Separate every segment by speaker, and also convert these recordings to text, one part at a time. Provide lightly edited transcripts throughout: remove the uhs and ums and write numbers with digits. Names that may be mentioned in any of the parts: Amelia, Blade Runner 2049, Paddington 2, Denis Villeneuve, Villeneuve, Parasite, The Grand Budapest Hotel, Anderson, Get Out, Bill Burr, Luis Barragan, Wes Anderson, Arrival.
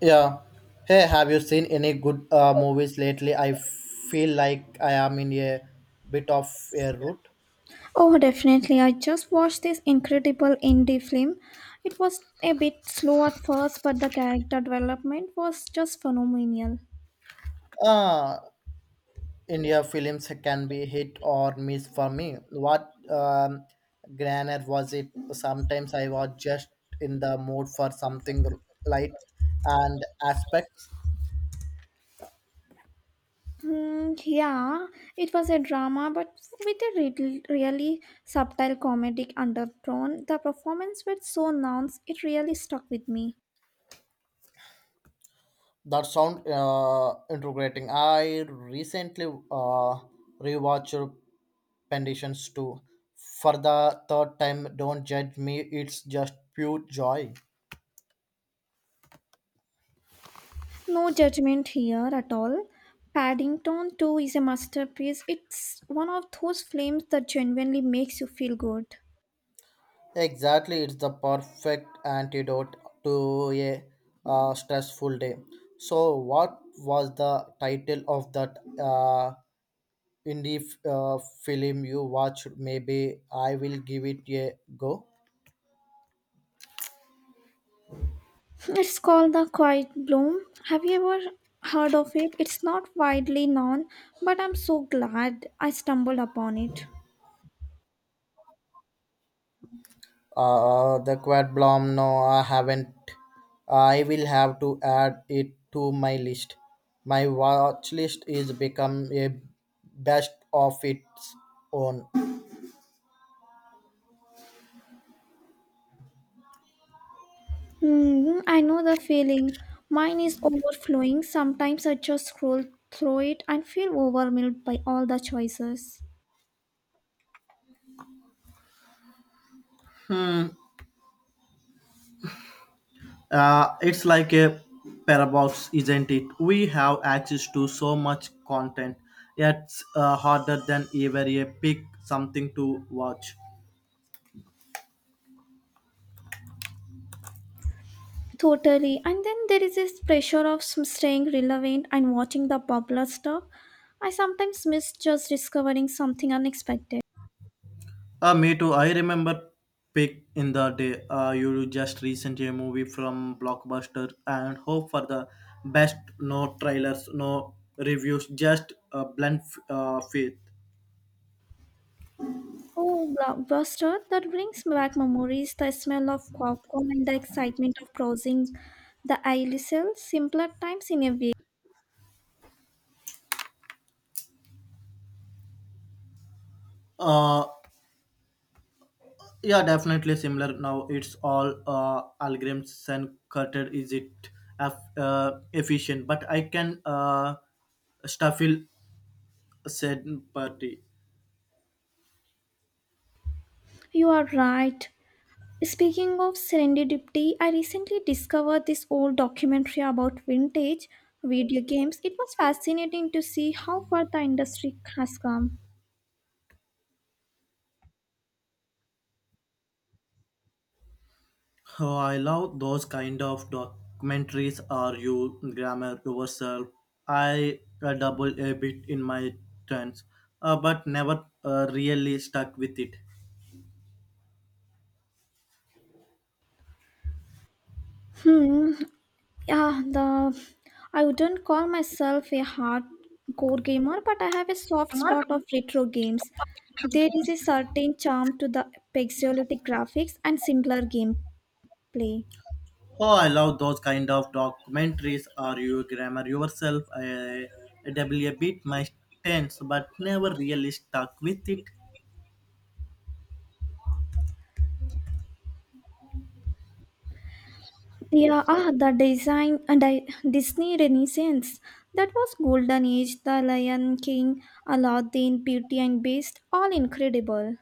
Speaker 1: Yeah. Hey, have you seen any good movies lately? I feel like I am in a bit of a rut.
Speaker 2: Oh, definitely. I just watched this incredible indie film. It was a bit slow at first, but the character development was just phenomenal.
Speaker 1: Uh, India films can be hit or miss for me. What genre was it? Sometimes I was just in the mood for something light and aspects
Speaker 2: Hmm, yeah, it was a drama, but with a really subtle comedic undertone. The performance were so nuanced, it really stuck with me.
Speaker 1: that sound integrating. I recently rewatched conditions too. For the third time, don't judge me, it's just pure joy.
Speaker 2: No judgment here at all. Paddington 2 is a masterpiece. It's one of those films that genuinely makes you feel good.
Speaker 1: Exactly, it's the perfect antidote to a stressful day. So, what was the title of that indie f- uh, film you watched? Maybe I will give it a go.
Speaker 2: It's called the quiet bloom. Have you ever heard of it? It's not widely known, but I'm so glad I stumbled upon it.
Speaker 1: The Quad Blom, no, I haven't. I will have to add it to my list. My watch list is become a best of its own.
Speaker 2: Hmm, I know the feeling. Mine is overflowing. Sometimes I just scroll through it and feel overwhelmed by all the choices.
Speaker 1: It's like a paradox, isn't it? We have access to so much content, yet harder than ever a pick something to watch.
Speaker 2: Totally. And then there is this pressure of staying relevant and watching the popular stuff. I sometimes miss just discovering something unexpected.
Speaker 1: Me too. I remember Pick in the Day. You just recently a movie from Blockbuster and hope for the best. No trailers, no reviews, just a blunt faith.
Speaker 2: Oh, blockbuster! That brings back memories. The smell of popcorn and the excitement of browsing the aisle sale. Simpler times in a way.
Speaker 1: Uh, yeah, definitely similar. Now it's all algorithms and cutter. Is it efficient? But I can still feel said party.
Speaker 2: You are right. Speaking of serendipity, I recently discovered this old documentary about vintage video games. It was fascinating to see how far the industry has come.
Speaker 1: Oh, I love those kind of documentaries. Are you grammar yourself? I double a bit in my turns, but never really stuck with it.
Speaker 2: Hmm, yeah, the I wouldn't call myself a hardcore gamer, but I have a soft spot of retro games. There is a certain charm to the pixelated graphics and simpler gameplay.
Speaker 1: Oh, I love those kind of documentaries. Are you grammar yourself? I double a bit my turns, but never really stuck with it.
Speaker 2: Yeah, ah, the design, and I, Disney renaissance, that was golden age. The Lion King, Aladdin, Beauty and Beast, all incredible.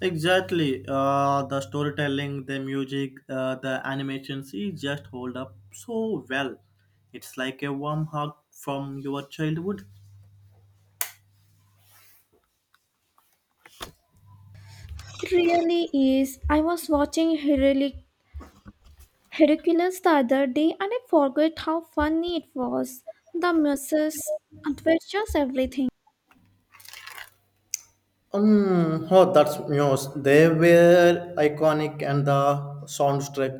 Speaker 1: Exactly. The storytelling, the music, the animations, it just hold up so well. It's like a warm hug from your childhood.
Speaker 2: It really is. I was watching heroic Hercules the other day, and I forgot how funny it was. The muscles, adventures, everything.
Speaker 1: Oh, that's news. They were iconic and the soundtrack.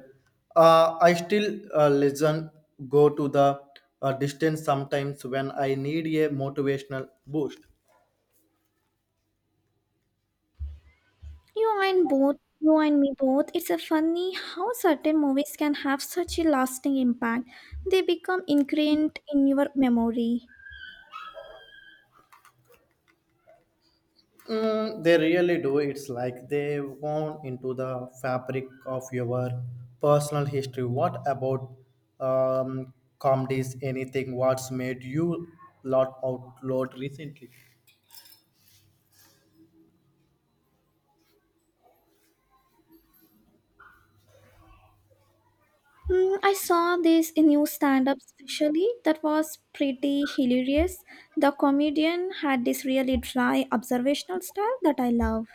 Speaker 1: I still listen, go to the distance sometimes when I need a motivational boost.
Speaker 2: You and me both. It's a funny how certain movies can have such a lasting impact. They become ingrained in your memory.
Speaker 1: Mm, they really do. It's like they've gone into the fabric of your personal history. What about um, comedies? Anything? What's made you lot outlawed recently?
Speaker 2: Hmm, I saw this new stand-up specially that was pretty hilarious. The comedian had this really dry observational style that I love.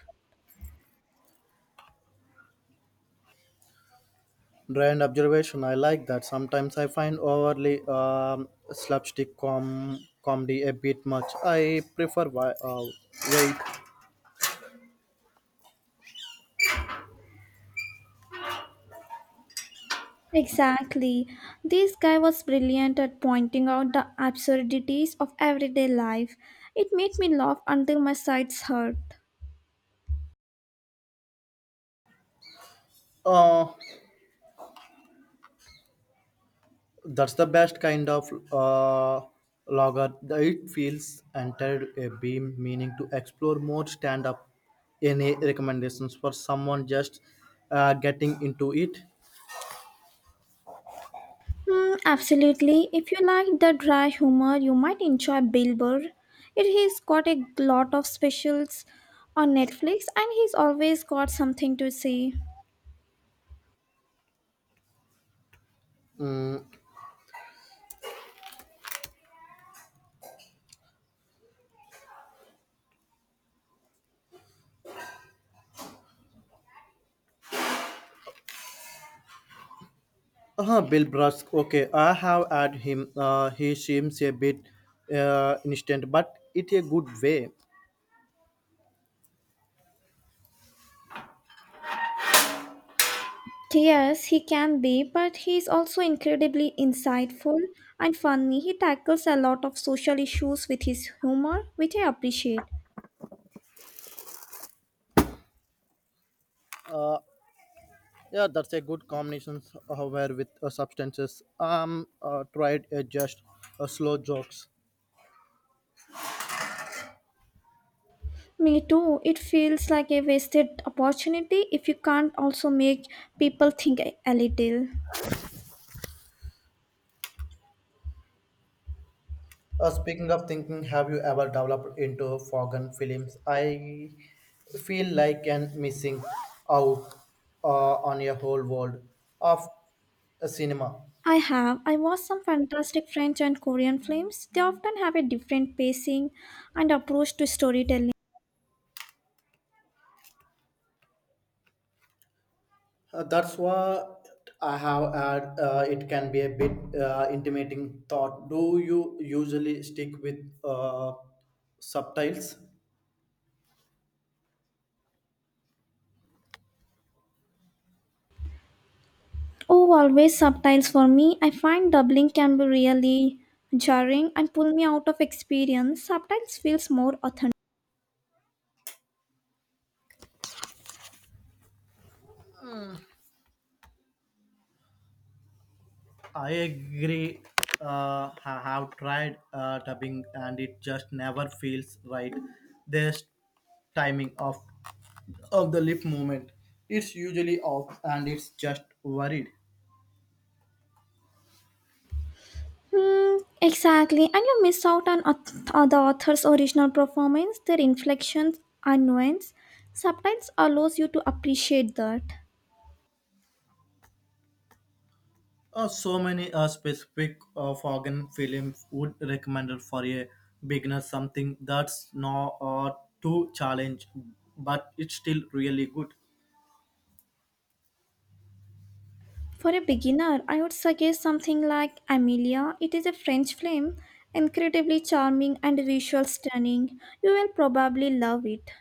Speaker 1: Brand observation. I like that. Sometimes I find overly slapstick comedy a bit much. I prefer wait.
Speaker 2: Exactly. This guy was brilliant at pointing out the absurdities of everyday life. It made me laugh until my sides hurt.
Speaker 1: Uh, That's the best kind of logger. It feels entered a beam, meaning to explore more. Stand up any recommendations for someone just getting into it.
Speaker 2: Hmm, absolutely. If you like the dry humor, you might enjoy Bill Burr. He's got a lot of specials on Netflix, and he's always got something to say.
Speaker 1: Uh-huh, Bill Brusk. Okay, I have had him. He seems a bit instant, but it a good way.
Speaker 2: Yes, he can be, but he's also incredibly insightful and funny. He tackles a lot of social issues with his humor, which I appreciate.
Speaker 1: Yeah, that's a good combination. However, with substances, I'm tried just slow jokes.
Speaker 2: Me too. It feels like a wasted opportunity if you can't also make people think a little.
Speaker 1: Speaking of thinking, have you ever developed into foreign films? I feel like I'm missing out on a whole world of cinema.
Speaker 2: I have. I watched some fantastic French and Korean films. They often have a different pacing and approach to storytelling.
Speaker 1: That's what I have had. It can be a bit intimidating thought. Do you usually stick with uh, subtitles?
Speaker 2: Oh, always subtitles for me. I find doubling can be really jarring and pull me out of experience. Subtitles feels more authentic.
Speaker 1: I agree. I have tried dubbing and it just never feels right. This timing of the lip movement. It's usually off and it's just worried.
Speaker 2: Hmm, exactly, and you miss out on the author's original performance, their inflections and nuance. Subtitles allows you to appreciate that.
Speaker 1: So many specific foreign films would recommend for a beginner something that's not too challenge, but it's still really good.
Speaker 2: For a beginner, I would suggest something like Amelia. It is a French film, incredibly charming and visual stunning. You will probably love it.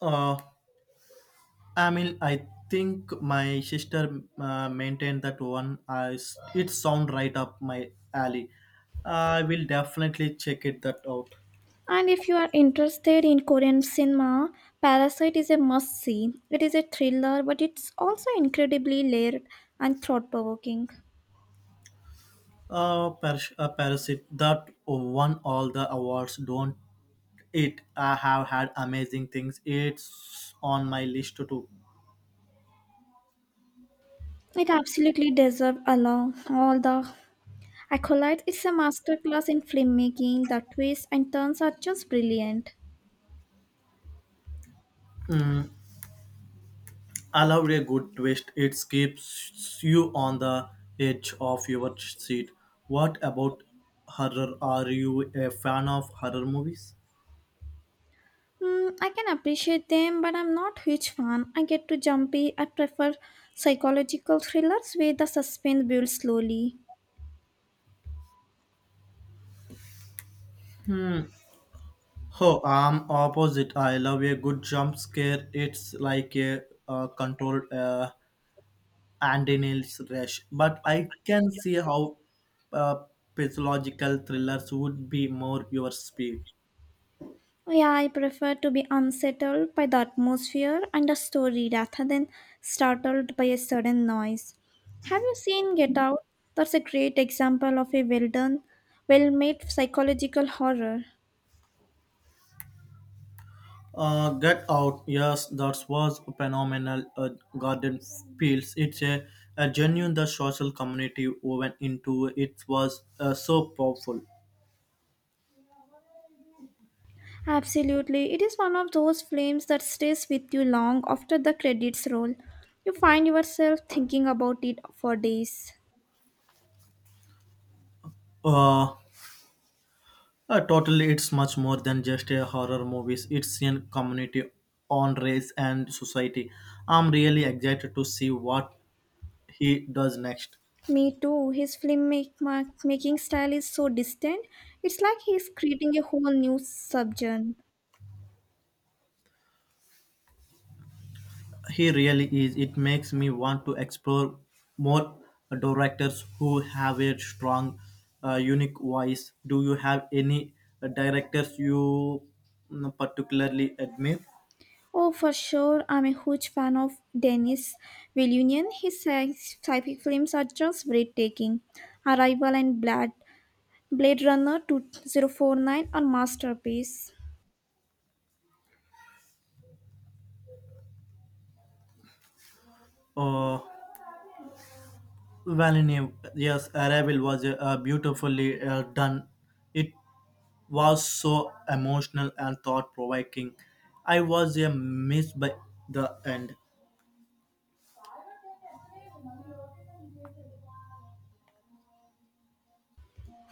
Speaker 1: Uh, I mean, I think my sister maintained that one. I s it sound right up my alley. I will definitely check it that out.
Speaker 2: And if you are interested in Korean cinema, Parasite is a must see. It is a thriller, but it's also incredibly layered and thought provoking.
Speaker 1: A, a parasite that won all the awards, don't it? I have had amazing things. It's on my list too.
Speaker 2: It absolutely deserves along all the accolades. It's a masterclass in filmmaking. The twists and turns are just brilliant.
Speaker 1: I love a good twist, it keeps you on the edge of your seat. What about horror? Are you a fan of horror movies?
Speaker 2: Hmm, I can appreciate them, but I'm not huge fan. I get too jumpy. I prefer psychological thrillers where the suspense builds slowly.
Speaker 1: Hmm. Oh, I'm opposite. I love a good jump scare. It's like a, controlled and in its rush. But I can see how uh, psychological thrillers would be more your speed.
Speaker 2: Yeah, I prefer to be unsettled by the atmosphere and a story rather than startled by a sudden noise. Have you seen Get Out? That's a great example of a well done, well made psychological horror.
Speaker 1: Get Out, yes, that was a phenomenal. Garden Fields, it's a, genuine the social community woven into it was so powerful.
Speaker 2: Absolutely, it is one of those films that stays with you long after the credits roll. You find yourself thinking about it for days.
Speaker 1: Uh, totally, it's much more than just a horror movies. It's a community on race and society. I'm really excited to see what he does next.
Speaker 2: Me too. His making style is so distinct. It's like he's creating a whole new subgenre.
Speaker 1: He really is. It makes me want to explore more directors who have a strong, unique voice. Do you have any directors you particularly admire?
Speaker 2: Oh, for sure. I'm a huge fan of Denis Villeneuve. His sci-fi films are just breathtaking. Arrival and Blade Runner 2049 are masterpiece.
Speaker 1: Uh, Villeneuve, yes, Arrival was beautifully done. It was so emotional and thought provoking. I was a miss by the end.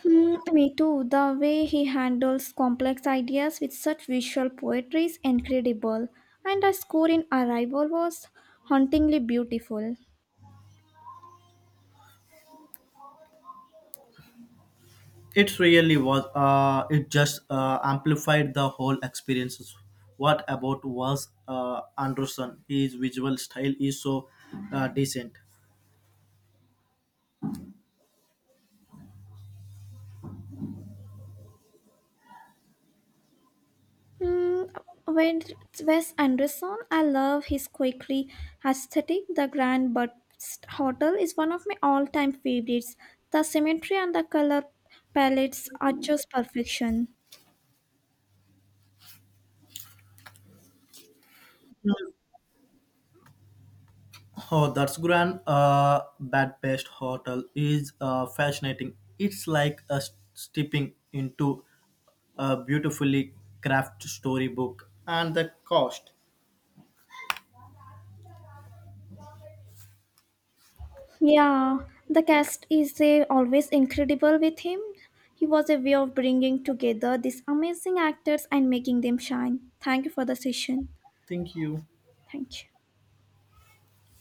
Speaker 2: Hmm, me too. The way he handles complex ideas with such visual poetry is incredible. And the score in Arrival was hauntingly beautiful.
Speaker 1: It really was. It just amplified the whole experiences. What about was Anderson? His visual style is so decent.
Speaker 2: Mm, when it's Wes Anderson, I love his quickly aesthetic. The Grand Budapest Hotel is one of my all-time favorites. The symmetry and the color palettes are just perfection.
Speaker 1: Oh, that's Grand Budapest Hotel is fascinating. It's like a stepping into a beautifully crafted storybook. And the cost.
Speaker 2: Yeah, the cast is always incredible with him. He was a way of bringing together these amazing actors and making them shine. Thank you for the session.
Speaker 1: Thank you.
Speaker 2: Thank you.